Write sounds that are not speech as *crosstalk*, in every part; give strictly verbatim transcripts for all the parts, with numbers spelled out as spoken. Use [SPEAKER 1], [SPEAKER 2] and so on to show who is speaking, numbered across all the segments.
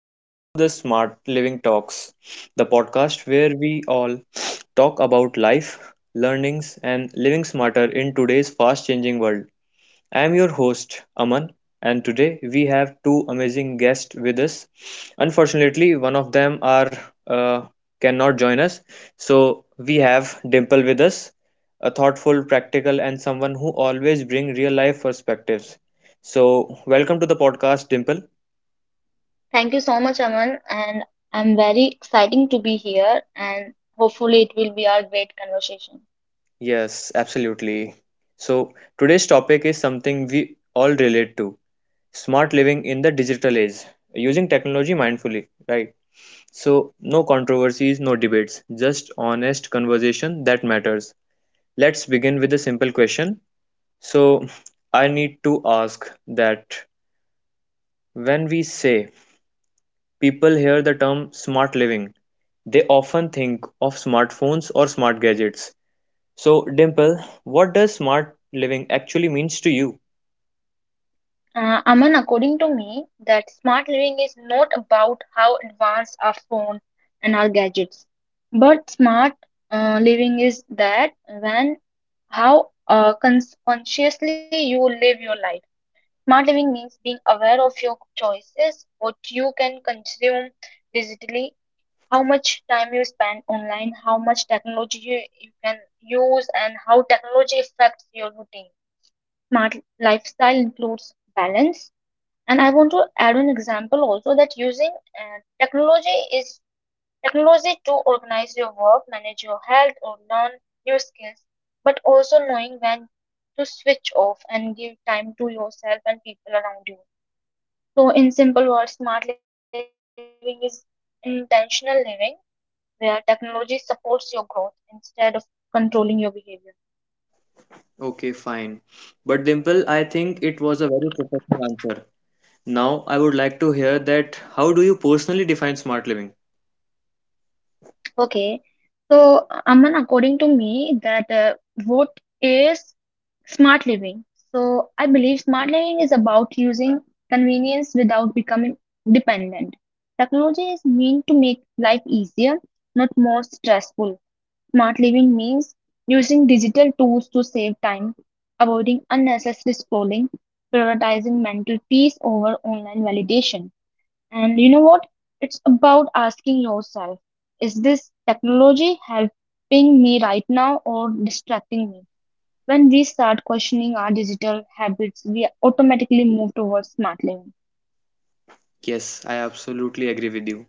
[SPEAKER 1] Welcome to the Smart Living Talks, the podcast where we all talk about life, learnings, and living smarter in today's fast changing world. I am your host, Aman, and today we have two amazing guests with us. Unfortunately, one of them are uh, cannot join us, so we have Dimple with us, a thoughtful, practical, and someone who always bring real life perspectives. So, welcome to the podcast, Dimple.
[SPEAKER 2] Thank you so much, Aman, and I'm very exciting to be here and hopefully it will be our great conversation.
[SPEAKER 1] Yes, absolutely. So, today's topic is something we all relate to: smart living in the digital age, using technology mindfully, right? So, no controversies, no debates, just honest conversation that matters. Let's begin with a simple question. So, I need to ask that when we say people hear the term smart living, they often think of smartphones or smart gadgets. So, Dimple, what does smart living actually means to you?
[SPEAKER 2] Uh, Aman, according to me, that smart living is not about how advanced our phone and our gadgets, but smart uh, living is that when how uh, cons consciously you live your life. Smart living means being aware of your choices, what you can consume digitally, how much time you spend online, how much technology you, you can use, and how technology affects your routine. Smart lifestyle includes balance. And I want to add an example also that using uh, technology is technology to organize your work, manage your health, or learn new skills, but also knowing when to switch off and give time to yourself and people around you. So, in simple words, smart living is intentional living where technology supports your growth instead of controlling your behavior.
[SPEAKER 1] Okay, fine. But Dimple, I think it was a very professional answer. Now, I would like to hear that how do you personally define smart living?
[SPEAKER 2] Okay. So, Aman, according to me, that uh, what is smart living? So, I believe smart living is about using convenience without becoming dependent. Technology is meant to make life easier, not more stressful. Smart living means using digital tools to save time, avoiding unnecessary scrolling, prioritizing mental peace over online validation. And you know what? It's about asking yourself, is this technology helping me right now or distracting me? When we start questioning our digital habits, we automatically move towards smart living.
[SPEAKER 1] Yes, I absolutely agree with you.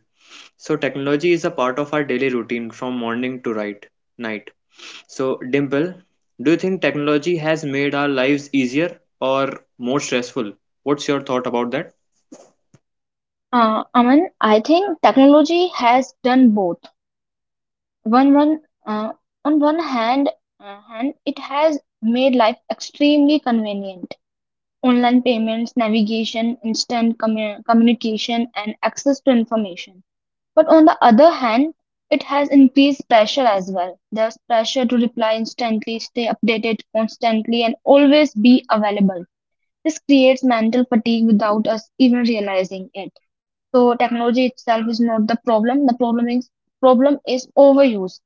[SPEAKER 1] So, technology is a part of our daily routine from morning to right, night. So, Dimple, do you think technology has made our lives easier or more stressful? What's your thought about that?
[SPEAKER 2] Uh, Aman, I think technology has done both. One, one, uh, on one hand, uh, hand, it has made life extremely convenient. Online payments, navigation, instant commu- communication, and access to information. But on the other hand, it has increased pressure as well. There's pressure to reply instantly, stay updated constantly, and always be available. This creates mental fatigue without us even realizing it. So technology itself is not the problem. The problem is problem is overuse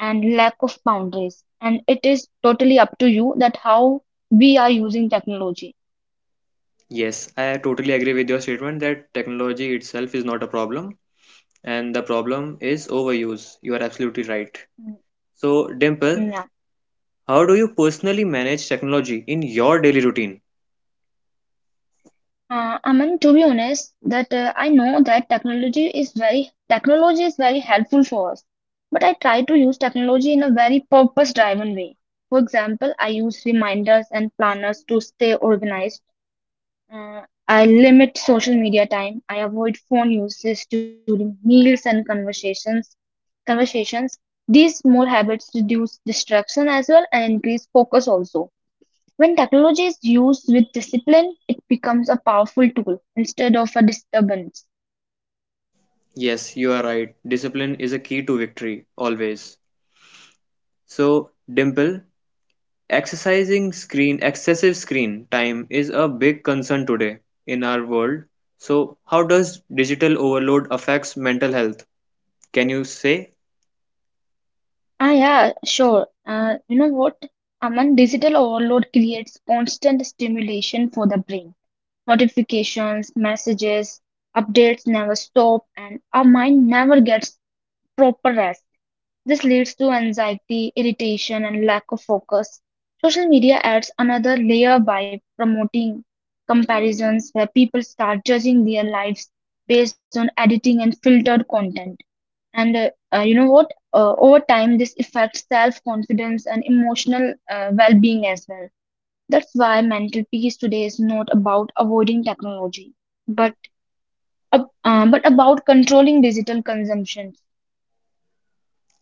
[SPEAKER 2] and lack of boundaries. And it is totally up to you that how we are using technology.
[SPEAKER 1] Yes, I totally agree with your statement that technology itself is not a problem and the problem is overuse. You are absolutely right.
[SPEAKER 2] Mm,
[SPEAKER 1] So, Dimple,
[SPEAKER 2] Yeah.
[SPEAKER 1] how do you personally manage technology in your daily routine?
[SPEAKER 2] Uh, Aman, to be honest, that uh, I know that technology is very technology is very helpful for us, but I try to use technology in a very purpose-driven way. For example, I use reminders and planners to stay organized. Uh, I limit social media time. I avoid phone uses during meals and conversations. Conversations. These small habits reduce distraction as well and increase focus also. When technology is used with discipline, it becomes a powerful tool instead of a disturbance.
[SPEAKER 1] Yes, you are right. Discipline is a key to victory, always. So, Dimple, exercising screen, excessive screen time is a big concern today in our world. So, how does digital overload affects mental health? Can you say?
[SPEAKER 2] Ah, yeah, sure. Uh, you know what? Aman, digital overload creates constant stimulation for the brain. Notifications, messages, updates never stop, and our mind never gets proper rest. This leads to anxiety, irritation, and lack of focus. Social media adds another layer by promoting comparisons where people start judging their lives based on editing and filtered content. And uh, uh, you know what? Uh, over time, this affects self confidence and emotional uh, well being as well. That's why mental peace today is not about avoiding technology, but, ab- uh, but about controlling digital consumption.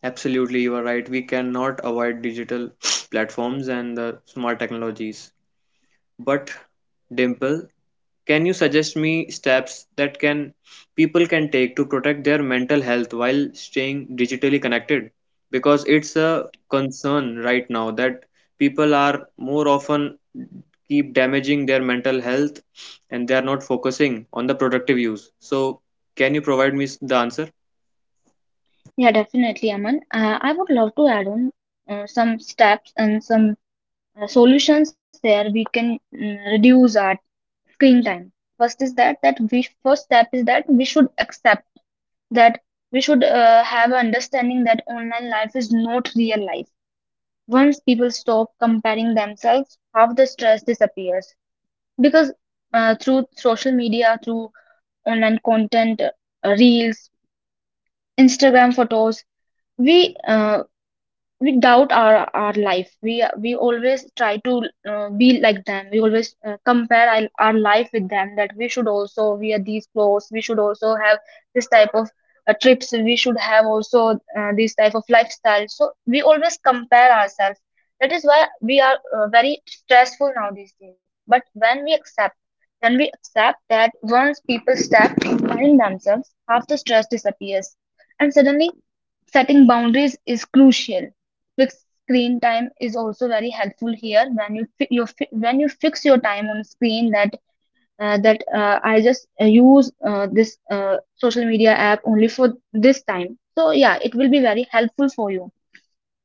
[SPEAKER 1] Absolutely, you are right. We cannot avoid digital *sniffs* platforms and the smart technologies. But Dimple, can you suggest me steps that can people can take to protect their mental health while staying digitally connected? Because it's a concern right now that people are more often keep damaging their mental health and they are not focusing on the productive use. So, can you provide me s- the answer?
[SPEAKER 2] Yeah, definitely, Aman. Uh, I would love to add on uh, some steps and some uh, solutions there we can mm, reduce our screen time. First is that that we first step is that we should accept that we should uh, have understanding that online life is not real life. Once people stop comparing themselves, half the stress disappears because uh, through social media, through online content, uh, reels, Instagram photos, we uh, we doubt our our life, we we always try to uh, be like them. We always uh, compare our, our life with them, that we should also wear these clothes, we should also have this type of uh, trips, we should have also uh, this type of lifestyle. So we always compare ourselves, that is why we are uh, very stressful now these days. But when we accept when we accept that once people step behind themselves, half the stress disappears. And suddenly setting boundaries is crucial. Fixed screen time is also very helpful here. When you fi- you fi- when you fix your time on screen, that uh, that uh, I just uh, use uh, this uh, social media app only for this time. So yeah, it will be very helpful for you.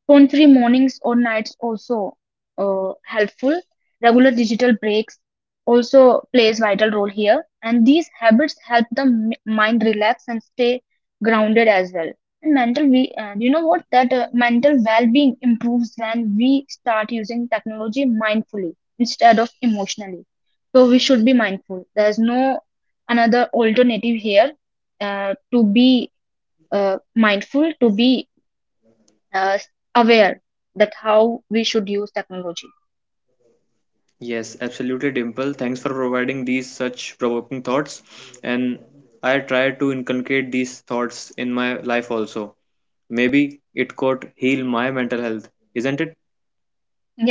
[SPEAKER 2] Phone-free mornings or nights also uh, helpful. Regular digital breaks also plays vital role here, and these habits help the m- mind relax and stay grounded as well. And mental, we uh, you know what that uh, mental well-being improves when we start using technology mindfully instead of emotionally. So we should be mindful. There's no another alternative here uh, to be uh, mindful, to be uh, aware that how we should use technology.
[SPEAKER 1] Yes, absolutely, Dimple. Thanks for providing these such provoking thoughts. And I try to inculcate these thoughts in my life also. Maybe it could heal my mental health, isn't it?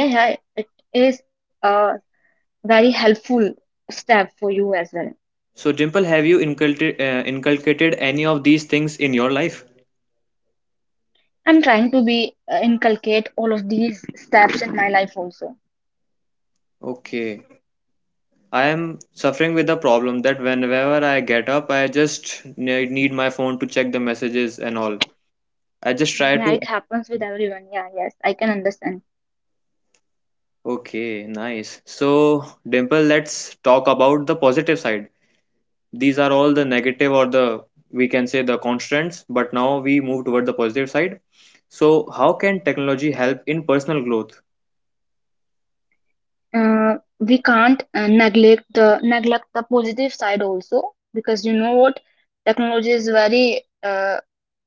[SPEAKER 2] Yeah, yeah, it is a very helpful step for you as well.
[SPEAKER 1] So, Dimple, have you inculcated, uh, inculcated any of these things in your life?
[SPEAKER 2] I'm trying to be uh, inculcate all of these steps in my life also.
[SPEAKER 1] Okay. I am suffering with the problem that whenever I get up, I just ne- need my phone to check the messages and all. I just try
[SPEAKER 2] Yeah,
[SPEAKER 1] to.
[SPEAKER 2] it happens with everyone. Yeah, yes, I can understand.
[SPEAKER 1] Okay, nice. So, Dimple, let's talk about the positive side. These are all the negative or the, we can say, the constraints, but now we move toward the positive side. So, how can technology help in personal growth?
[SPEAKER 2] Uh, we can't uh, neglect the neglect the positive side also, because you know what, technology is very uh,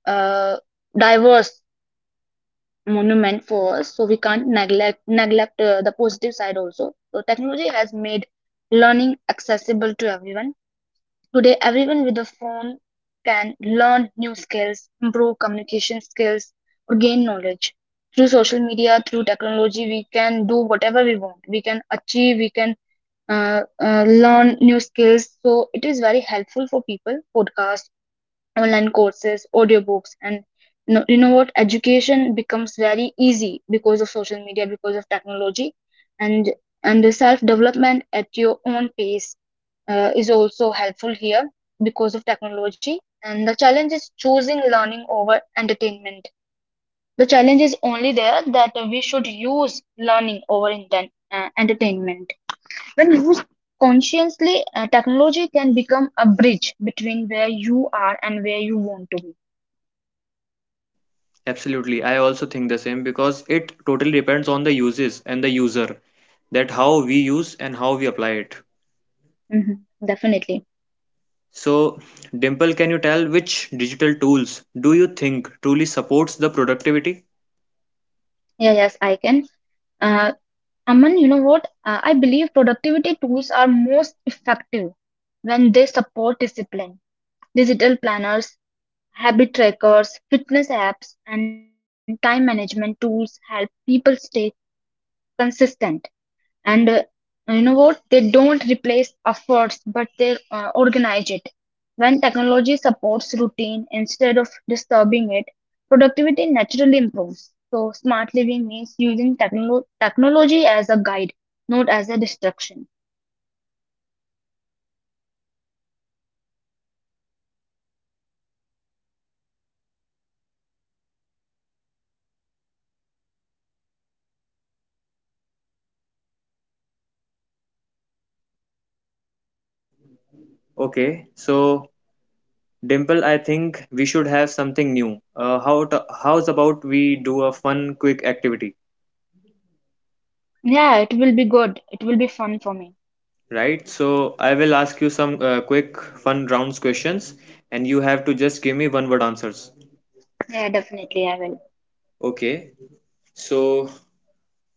[SPEAKER 2] uh, diverse monument first, so we can't neglect neglect uh, the positive side also. So technology has made learning accessible to everyone. Today, everyone with a phone can learn new skills, improve communication skills, or gain knowledge. Through social media, through technology, we can do whatever we want. We can achieve, we can uh, uh, learn new skills. So it is very helpful for people. Podcasts, online courses, audiobooks, and you know, you know what? Education becomes very easy because of social media, because of technology, and and the self development at your own pace uh, is also helpful here because of technology. And the challenge is choosing learning over entertainment. The challenge is only there that uh, we should use learning over inten- uh, entertainment. When used consciously, uh, technology can become a bridge between where you are and where you want to be.
[SPEAKER 1] Absolutely. I also think the same because it totally depends on the uses and the user, that how we use and how we apply it.
[SPEAKER 2] Mhm. Definitely.
[SPEAKER 1] So, Dimple, can you tell which digital tools do you think truly supports the productivity?
[SPEAKER 2] Yeah, yes, I can. Uh, Aman, you know what? Uh, I believe productivity tools are most effective when they support discipline. Digital planners, habit trackers, fitness apps, and time management tools help people stay consistent. And uh, you know what, they don't replace efforts, but they uh, organize it. When technology supports routine instead of disturbing it, productivity naturally improves. So smart living means using techno- technology as a guide, not as a distraction.
[SPEAKER 1] Okay. So, Dimple, I think we should have something new. Uh, how to, how's about we do a fun, quick activity,
[SPEAKER 2] Yeah, it will be good, it will be fun for me.
[SPEAKER 1] right? So, I will ask you some uh, quick, fun rounds questions, and you have to just give me one word answers.
[SPEAKER 2] Yeah, definitely, I will.
[SPEAKER 1] Okay. So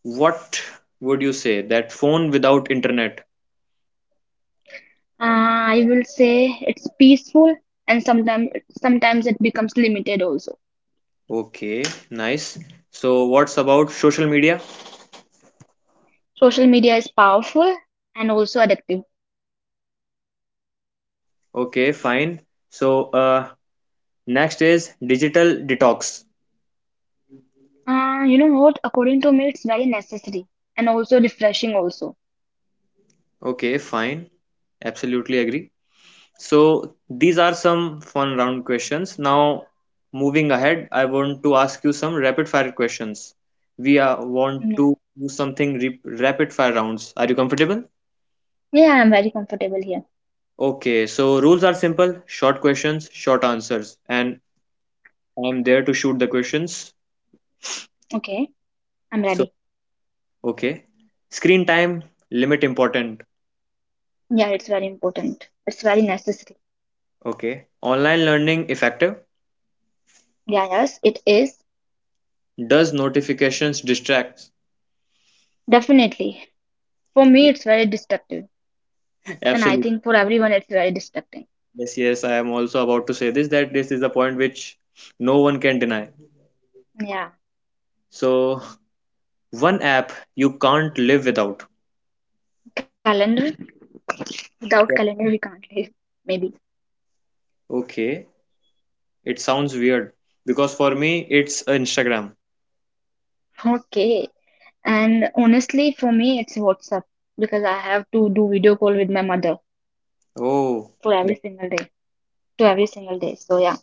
[SPEAKER 1] what would you say? That phone without internet.
[SPEAKER 2] Uh, i will say it's peaceful, and sometimes sometimes it becomes limited also.
[SPEAKER 1] Okay, nice. So, what's about social media?
[SPEAKER 2] Social media is powerful, and also addictive.
[SPEAKER 1] Okay, fine. So, uh, next is digital detox.
[SPEAKER 2] Uh, you know what? According to me, it's very necessary, and also refreshing also.
[SPEAKER 1] Okay, fine. Absolutely agree. So, these are some fun round questions. Now, moving ahead, I want to ask you some rapid fire questions. We are, want
[SPEAKER 2] Yeah.
[SPEAKER 1] to do something re- rapid fire rounds. Are you comfortable?
[SPEAKER 2] Yeah, I'm very comfortable here.
[SPEAKER 1] Okay, so rules are simple, short questions, short answers, and I'm there to shoot the questions.
[SPEAKER 2] Okay, I'm
[SPEAKER 1] So,
[SPEAKER 2] ready.
[SPEAKER 1] okay. Screen time limit important.
[SPEAKER 2] Yeah, it's very important. It's very necessary.
[SPEAKER 1] Okay. Online learning effective.
[SPEAKER 2] Yeah, yes, it is.
[SPEAKER 1] Does notifications distract?
[SPEAKER 2] Definitely. For me, it's very destructive. And I
[SPEAKER 1] Absolutely.
[SPEAKER 2] think for everyone, it's very destructive.
[SPEAKER 1] Yes, yes. I am also about to say this that this is a point which no one can deny.
[SPEAKER 2] Yeah.
[SPEAKER 1] So, one app you can't live without.
[SPEAKER 2] Calendar. Without
[SPEAKER 1] Yeah.
[SPEAKER 2] calendar, we can't live. Maybe.
[SPEAKER 1] Okay. It sounds weird because for me it's Instagram.
[SPEAKER 2] Okay. And honestly, for me, it's WhatsApp, because I have to do video call with my mother
[SPEAKER 1] Oh,
[SPEAKER 2] for every
[SPEAKER 1] that-
[SPEAKER 2] single day, to every single day. So, yeah.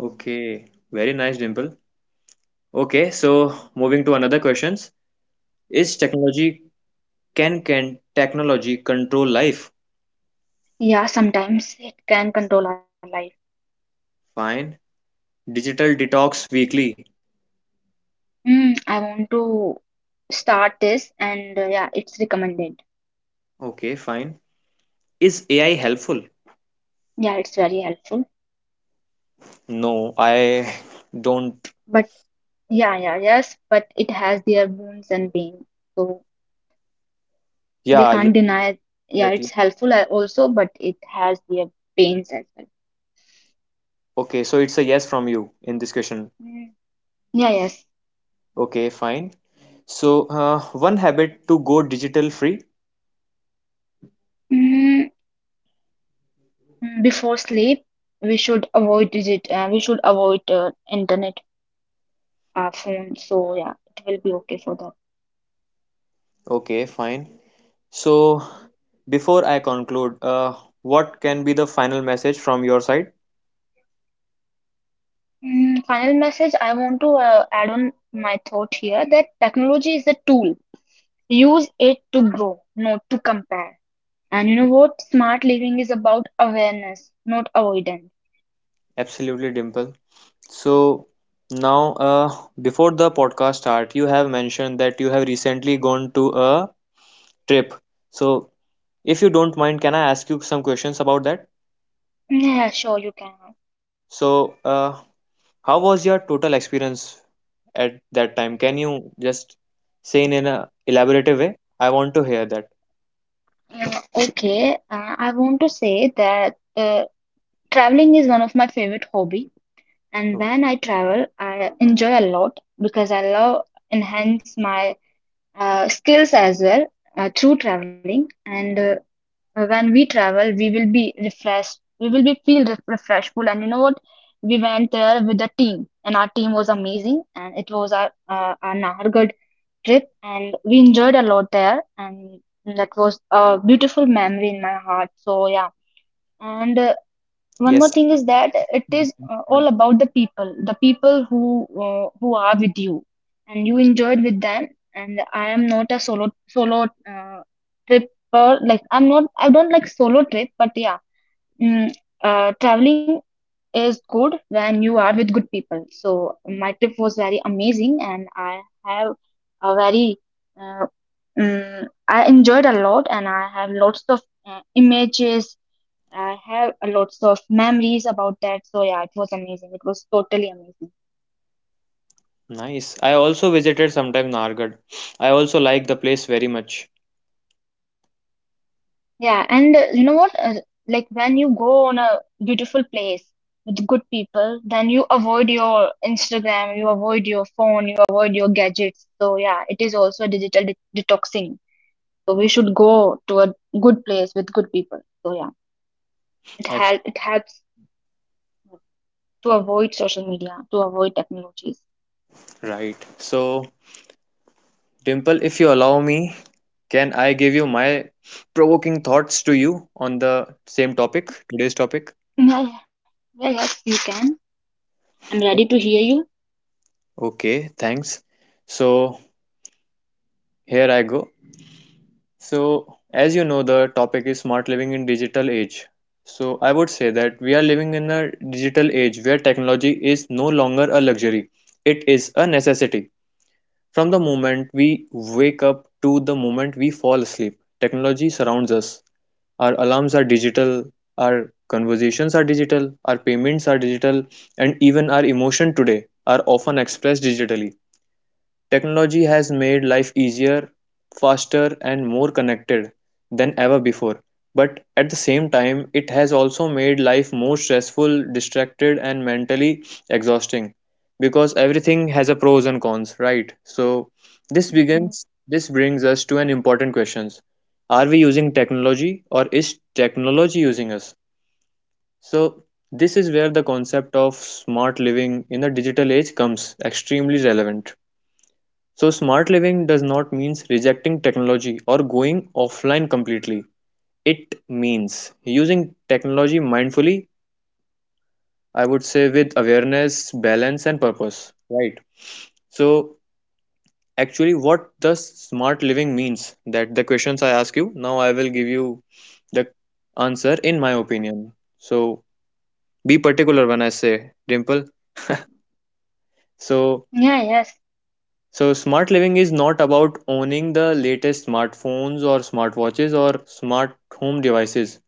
[SPEAKER 1] okay. Very nice, Dimple. Okay. So, moving to another questions. Is technology Can can technology control life?
[SPEAKER 2] Yeah, sometimes it can control our life.
[SPEAKER 1] Fine. Digital detox weekly.
[SPEAKER 2] Hmm. I want to start this, and uh, yeah, it's recommended.
[SPEAKER 1] Okay, fine. Is A I helpful?
[SPEAKER 2] Yeah, it's very helpful.
[SPEAKER 1] No, I don't.
[SPEAKER 2] But yeah, yeah, yes, but it has their wounds and pain. So we
[SPEAKER 1] Yeah, yeah,
[SPEAKER 2] can't deny it. Yeah,
[SPEAKER 1] that, yeah.
[SPEAKER 2] it's helpful a- also, but it has their pains as well.
[SPEAKER 1] Okay, so it's a yes from you in this question.
[SPEAKER 2] Mm, yeah, yes.
[SPEAKER 1] Okay, fine. So, uh, one habit to go digital free.
[SPEAKER 2] Mm, Before sleep, we should avoid digit, uh, we should avoid uh, internet, uh, phone. So yeah, it will be okay for that.
[SPEAKER 1] Okay, fine. So, before I conclude, uh, what can be the final message from your side?
[SPEAKER 2] Mm, final message, I want to uh, add on my thought here that technology is a tool. Use it to grow, not to compare. And you know what? Smart living is about awareness, not avoidance.
[SPEAKER 1] Absolutely, Dimple. So now, uh, before the podcast start, you have mentioned that you have recently gone to a trip. So if you don't mind, can I ask you some questions about that?
[SPEAKER 2] Yeah, sure, you can.
[SPEAKER 1] So, uh, how was your total experience at that time? Can you just say in, in a elaborative way? I want to hear that.
[SPEAKER 2] Uh, okay, uh, I want to say that uh, traveling is one of my favorite hobby, and
[SPEAKER 1] Oh,
[SPEAKER 2] when I travel, I enjoy a lot because I love enhance my uh, skills as well uh, through traveling. And uh, Uh, when we travel, we will be refreshed, we will be feel ref- refreshful. And you know what, we went there with the team, and our team was amazing, and it was our uh, a Nahargad trip, and we enjoyed a lot there, and that was a beautiful memory in my heart. So yeah. And uh, one more
[SPEAKER 1] yes.
[SPEAKER 2] thing is that it is uh, all about the people, the people who uh, who are with you, and you enjoyed with them. And I am not a solo solo uh, tripper, like I'm not, I don't like solo trip. But yeah, mm, uh, traveling is good when you are with good people. So my trip was very amazing, and I have a very uh, mm, I enjoyed a lot, and I have lots of uh, images, I have a lots of memories about that. So yeah, it was amazing. It was totally amazing.
[SPEAKER 1] Nice. I also visited sometime Nargad. I also like the place very much.
[SPEAKER 2] Yeah, and uh, you know what? Uh, like when you go on a beautiful place with good people, then you avoid your Instagram, you avoid your phone, you avoid your gadgets. So yeah, it is also a digital de detoxing. So we should go to a good place with good people. So yeah, it
[SPEAKER 1] Abs-
[SPEAKER 2] help it helps to avoid social media, to avoid technologies.
[SPEAKER 1] right. So, Dimple, if you allow me, can I give you my provoking thoughts to you on the same topic, today's topic?
[SPEAKER 2] Yeah, yeah, yeah, yes, you can. I'm ready to hear you.
[SPEAKER 1] Okay, thanks. So, here I go. So, as you know, the topic is smart living in digital age. So, I would say that we are living in a digital age where technology is no longer a luxury, it is a necessity. From the moment we wake up to the moment we fall asleep, technology surrounds us. Our alarms are digital, our conversations are digital, our payments are digital, and even our emotion today are often expressed digitally. Technology has made life easier, faster, and more connected than ever before. But at the same time, it has also made life more stressful, distracted, and mentally exhausting, because everything has a pros and cons, right? So this
[SPEAKER 2] Mhm.
[SPEAKER 1] begins this brings us to an important questions. Are we using technology or is technology using us? So this is where the concept of smart living in the digital age comes extremely relevant. So, smart living does not mean rejecting technology or going offline completely. It means using technology mindfully, I would say with awareness, balance, and purpose. Right. So, actually, what does smart living means? That the questions I ask you, now I will give you the answer in my opinion. So, be particular when I say, Dimple. So,
[SPEAKER 2] Yeah, yes.
[SPEAKER 1] so, smart living is not about owning the latest smartphones or smartwatches or smart home devices.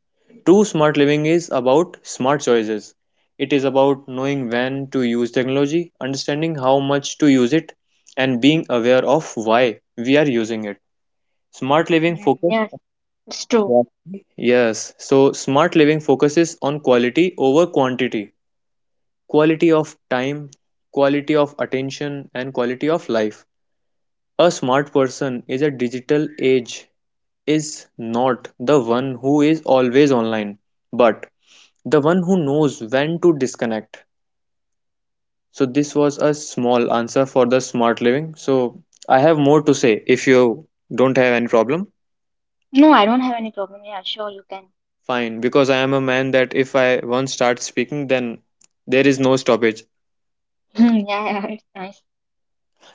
[SPEAKER 1] True smart living is about smart choices. It is about knowing when to use technology, understanding how much to use it, and being aware of why we are using it. Smart living
[SPEAKER 2] Mm,
[SPEAKER 1] focus.
[SPEAKER 2] yes, it's true.
[SPEAKER 1] Yeah. Yes, so smart living focuses on quality over quantity, quality of time, quality of attention, and quality of life. A smart person is a digital age is not the one who is always online, but the one who knows when to disconnect. So this was a small answer for the smart living. So I have more to say if you don't have any problem.
[SPEAKER 2] No, I don't have any problem. Yeah, sure, you can.
[SPEAKER 1] Fine, because I am a man that if I once start speaking, then there is no stoppage.
[SPEAKER 2] *laughs* Mm, yeah, yeah, it's nice.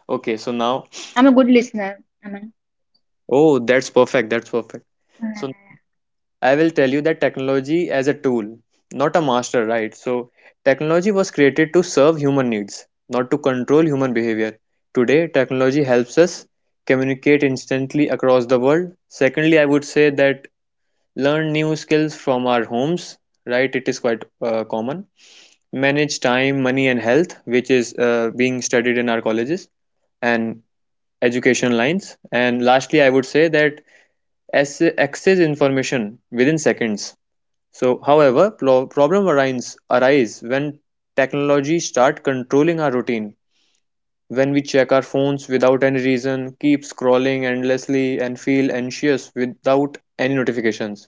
[SPEAKER 1] Okay, so now,
[SPEAKER 2] I'm a good listener. I mean,
[SPEAKER 1] oh, that's perfect. That's perfect.
[SPEAKER 2] yeah, yeah,
[SPEAKER 1] So I will tell you that technology as a tool, not a master, right? So, technology was created to serve human needs, not to control human behavior. Today, technology helps us communicate instantly across the world. Secondly, I would say that learn new skills from our homes, right? It is quite uh, common. Manage time, money, and health, which is uh, being studied in our colleges and education lines. And lastly, I would say that as- access information within seconds. So, however, plo- problem arise, arise when technology start controlling our routine. When we check our phones without any reason, keep scrolling endlessly, and feel anxious without any notifications.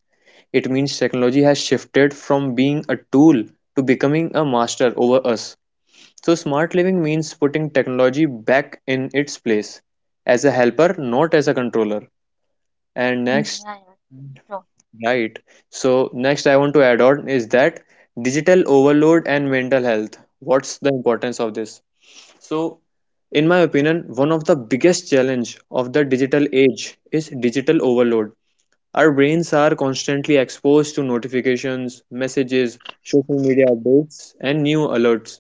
[SPEAKER 1] It means technology has shifted from being a tool to becoming a master over us. So, smart living means putting technology back in its place as a helper, not as a controller. And
[SPEAKER 2] yeah. Mm,
[SPEAKER 1] next,
[SPEAKER 2] yeah, yes, it's true.
[SPEAKER 1] right. So next I want to add on is that digital overload and mental health. What's the importance of this? So in my opinion, one of the biggest challenge of the digital age is digital overload. Our brains are constantly exposed to notifications, messages, social media updates, and new alerts.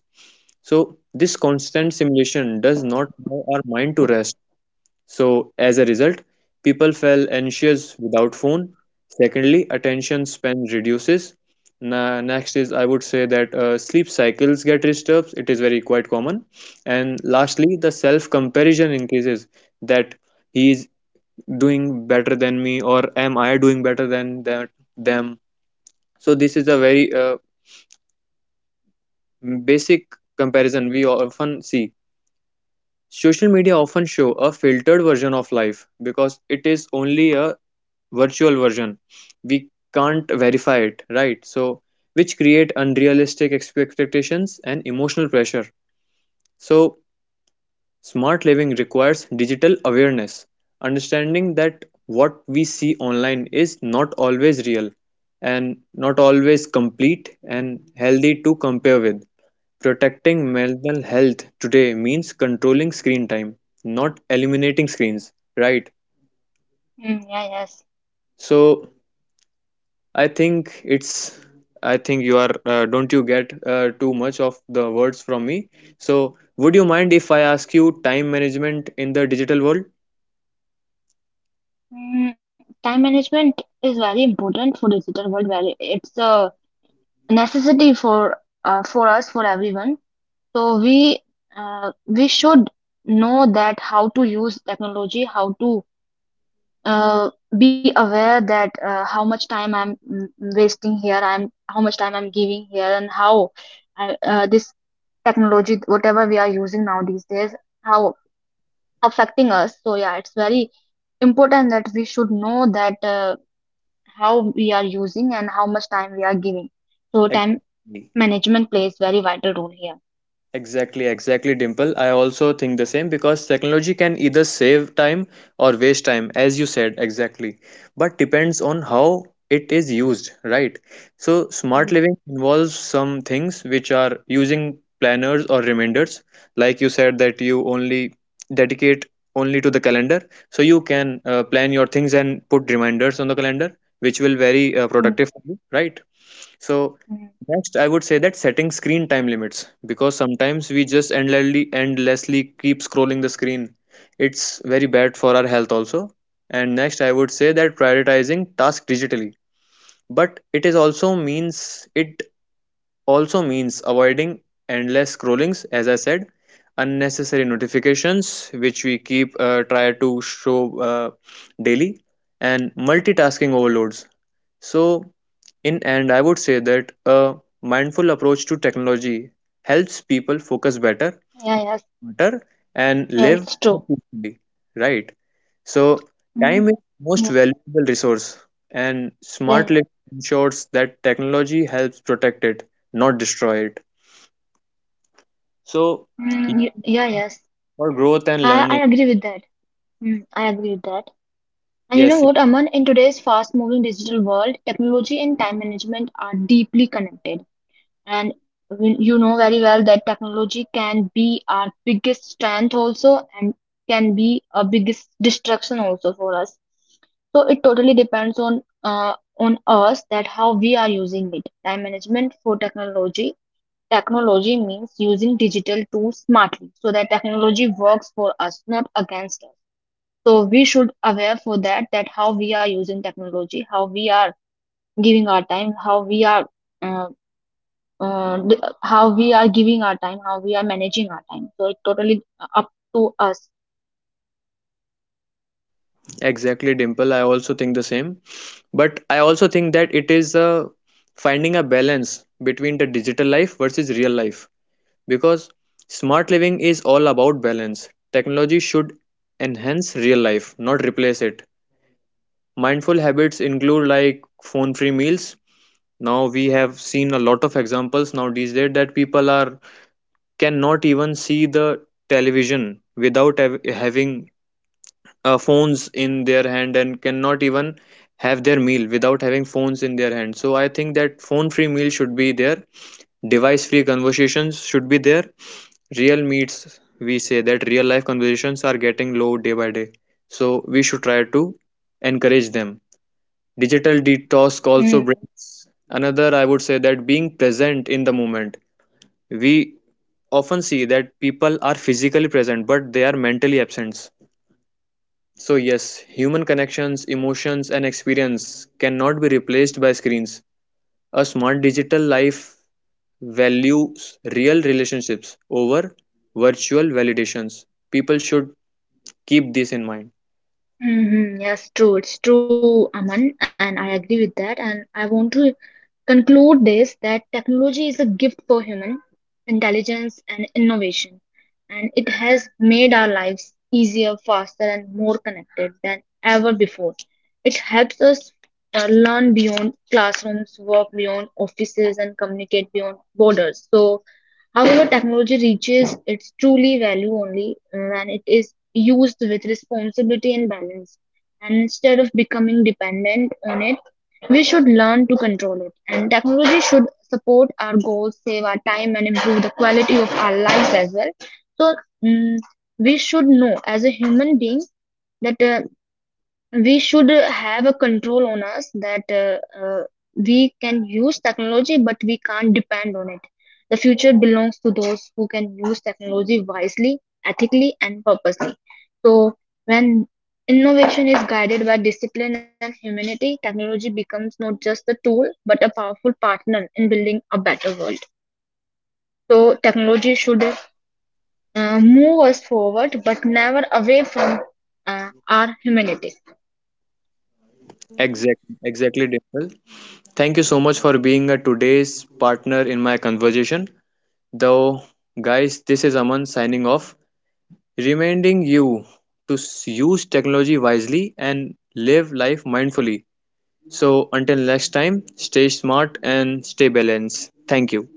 [SPEAKER 1] So this constant simulation does not allow our mind to rest. So, as a result, people feel anxious without phone. Secondly, attention span reduces. Na- next is I would say that uh, sleep cycles get disturbed. It is very quite common. And lastly, the self comparison increases, that he is doing better than me or am I doing better than that them. So this is a very uh, basic comparison we often see. Social media often show a filtered version of life, because it is only a virtual version, we can't verify it, right? So which create unrealistic expectations and emotional pressure. So smart living requires digital awareness, understanding that what we see online is not always real and not always complete and healthy to compare with. Protecting mental health today means controlling screen time, not eliminating screens, right?
[SPEAKER 2] Mm, yeah, yes.
[SPEAKER 1] So I think it's. I think you are. Uh, don't you get uh, too much of the words from me? So, would you mind if I ask you time management in the digital world?
[SPEAKER 2] Mm, time management is very important for digital world. Very, it's a necessity for uh, for us, for everyone. So we uh, we should know that how to use technology, how to uh, be aware that uh, how much time I'm mm, wasting here, I'm how much time I'm giving here, and how I, uh, this technology, whatever we are using now these days, how affecting us. So yeah, it's very important that we should know that uh, how we are using and how much time we are giving. So time
[SPEAKER 1] Exactly.
[SPEAKER 2] management plays very vital role here.
[SPEAKER 1] Exactly, exactly, Dimple. I also think the same because technology can either save time or waste time, as you said, exactly. But depends on how it is used, right? So, smart
[SPEAKER 2] Mm,
[SPEAKER 1] living involves some things which are using planners or reminders, like you said that you only dedicate only to the calendar. So, you can uh, plan your things and put reminders on the calendar, which will very uh,
[SPEAKER 2] mm,
[SPEAKER 1] productive for you, right? So
[SPEAKER 2] mm.
[SPEAKER 1] next I would say that setting screen time limits, because sometimes we just endlessly endlessly keep scrolling the screen. It's very bad for our health also. And next I would say that prioritizing tasks digitally. But it is also means it also means avoiding endless scrollings, as I said, unnecessary notifications which we keep uh, try to show uh, daily, and multitasking overloads. So in end, I would say that a mindful approach to technology helps people focus better,
[SPEAKER 2] Yeah, yes,
[SPEAKER 1] better, and
[SPEAKER 2] yeah,
[SPEAKER 1] live
[SPEAKER 2] it's
[SPEAKER 1] more
[SPEAKER 2] true.
[SPEAKER 1] peacefully, right? So,
[SPEAKER 2] Mm,
[SPEAKER 1] time is most
[SPEAKER 2] yeah,
[SPEAKER 1] valuable resource, and
[SPEAKER 2] yeah,
[SPEAKER 1] smart
[SPEAKER 2] yes.
[SPEAKER 1] living ensures that technology helps protect it, not destroy it. So,
[SPEAKER 2] Mm, y- yeah, yes.
[SPEAKER 1] for growth and
[SPEAKER 2] I, I
[SPEAKER 1] learning,
[SPEAKER 2] agree with that. Mm, I agree with that. And you know
[SPEAKER 1] yes,
[SPEAKER 2] what, Aman? In today's fast-moving digital world, technology and time management are deeply connected. And we- you know very well that technology can be our biggest strength also and can be a biggest destruction also for us. So it totally depends on uh, on us that how we are using it. Time management for technology. Technology means using digital tools smartly so that technology works for us, not against us. So we should aware for that that how we are using technology, how we are giving our time, how we are uh, uh, d- how we are giving our time, how we are managing our time. So it totally uh, up to us.
[SPEAKER 1] exactly, Dimple. I also think the same, but I also think that it is a finding a balance between the digital life versus real life. Because smart living is all about balance. Technology should enhance real life, not replace it. Mindful habits include like phone free meals. Now we have seen a lot of examples now these days that people are cannot even see the television without hav- having uh, phones in their hand, and cannot even have their meal without having phones in their hand. So I think that phone free meal should be there, device free conversations should be there, real meets, we say that real life conversations are getting low day by day, so we should try to encourage them. Digital detox
[SPEAKER 2] Mm.
[SPEAKER 1] also brings another, I would say that being present in the moment. We often see that people are physically present but they are mentally absent. So yes, human connections, emotions, and experience cannot be replaced by screens. A smart digital life values real relationships over virtual validations. People should keep this in mind.
[SPEAKER 2] Hmm. Yes, true. It's true, Aman, and I agree with that. And I want to conclude this that technology is a gift for human intelligence and innovation, and it has made our lives easier, faster, and more connected than ever before. It helps us uh, learn beyond classrooms, work beyond offices, and communicate beyond borders. So however, technology reaches its truly value only uh, when it is used with responsibility and balance. And instead of becoming dependent on it, we should learn to control it. And technology should support our goals, save our time, and improve the quality of our lives as well. So, mm, we should know as a human being that uh, we should have a control on us that uh, uh, we can use technology but we can't depend on it. The future belongs to those who can use technology wisely, ethically, and purposely. So when innovation is guided by discipline and humanity, technology becomes not just a tool but a powerful partner in building a better world. So technology should uh, move us forward but never away from uh, our humanity.
[SPEAKER 1] Exactly, exactly, Dimple. Thank you so much for being a today's partner in my conversation. Though, guys, this is Aman signing off, reminding you to s- use technology wisely and live life mindfully. So, until next time, stay smart and stay balanced. Thank you.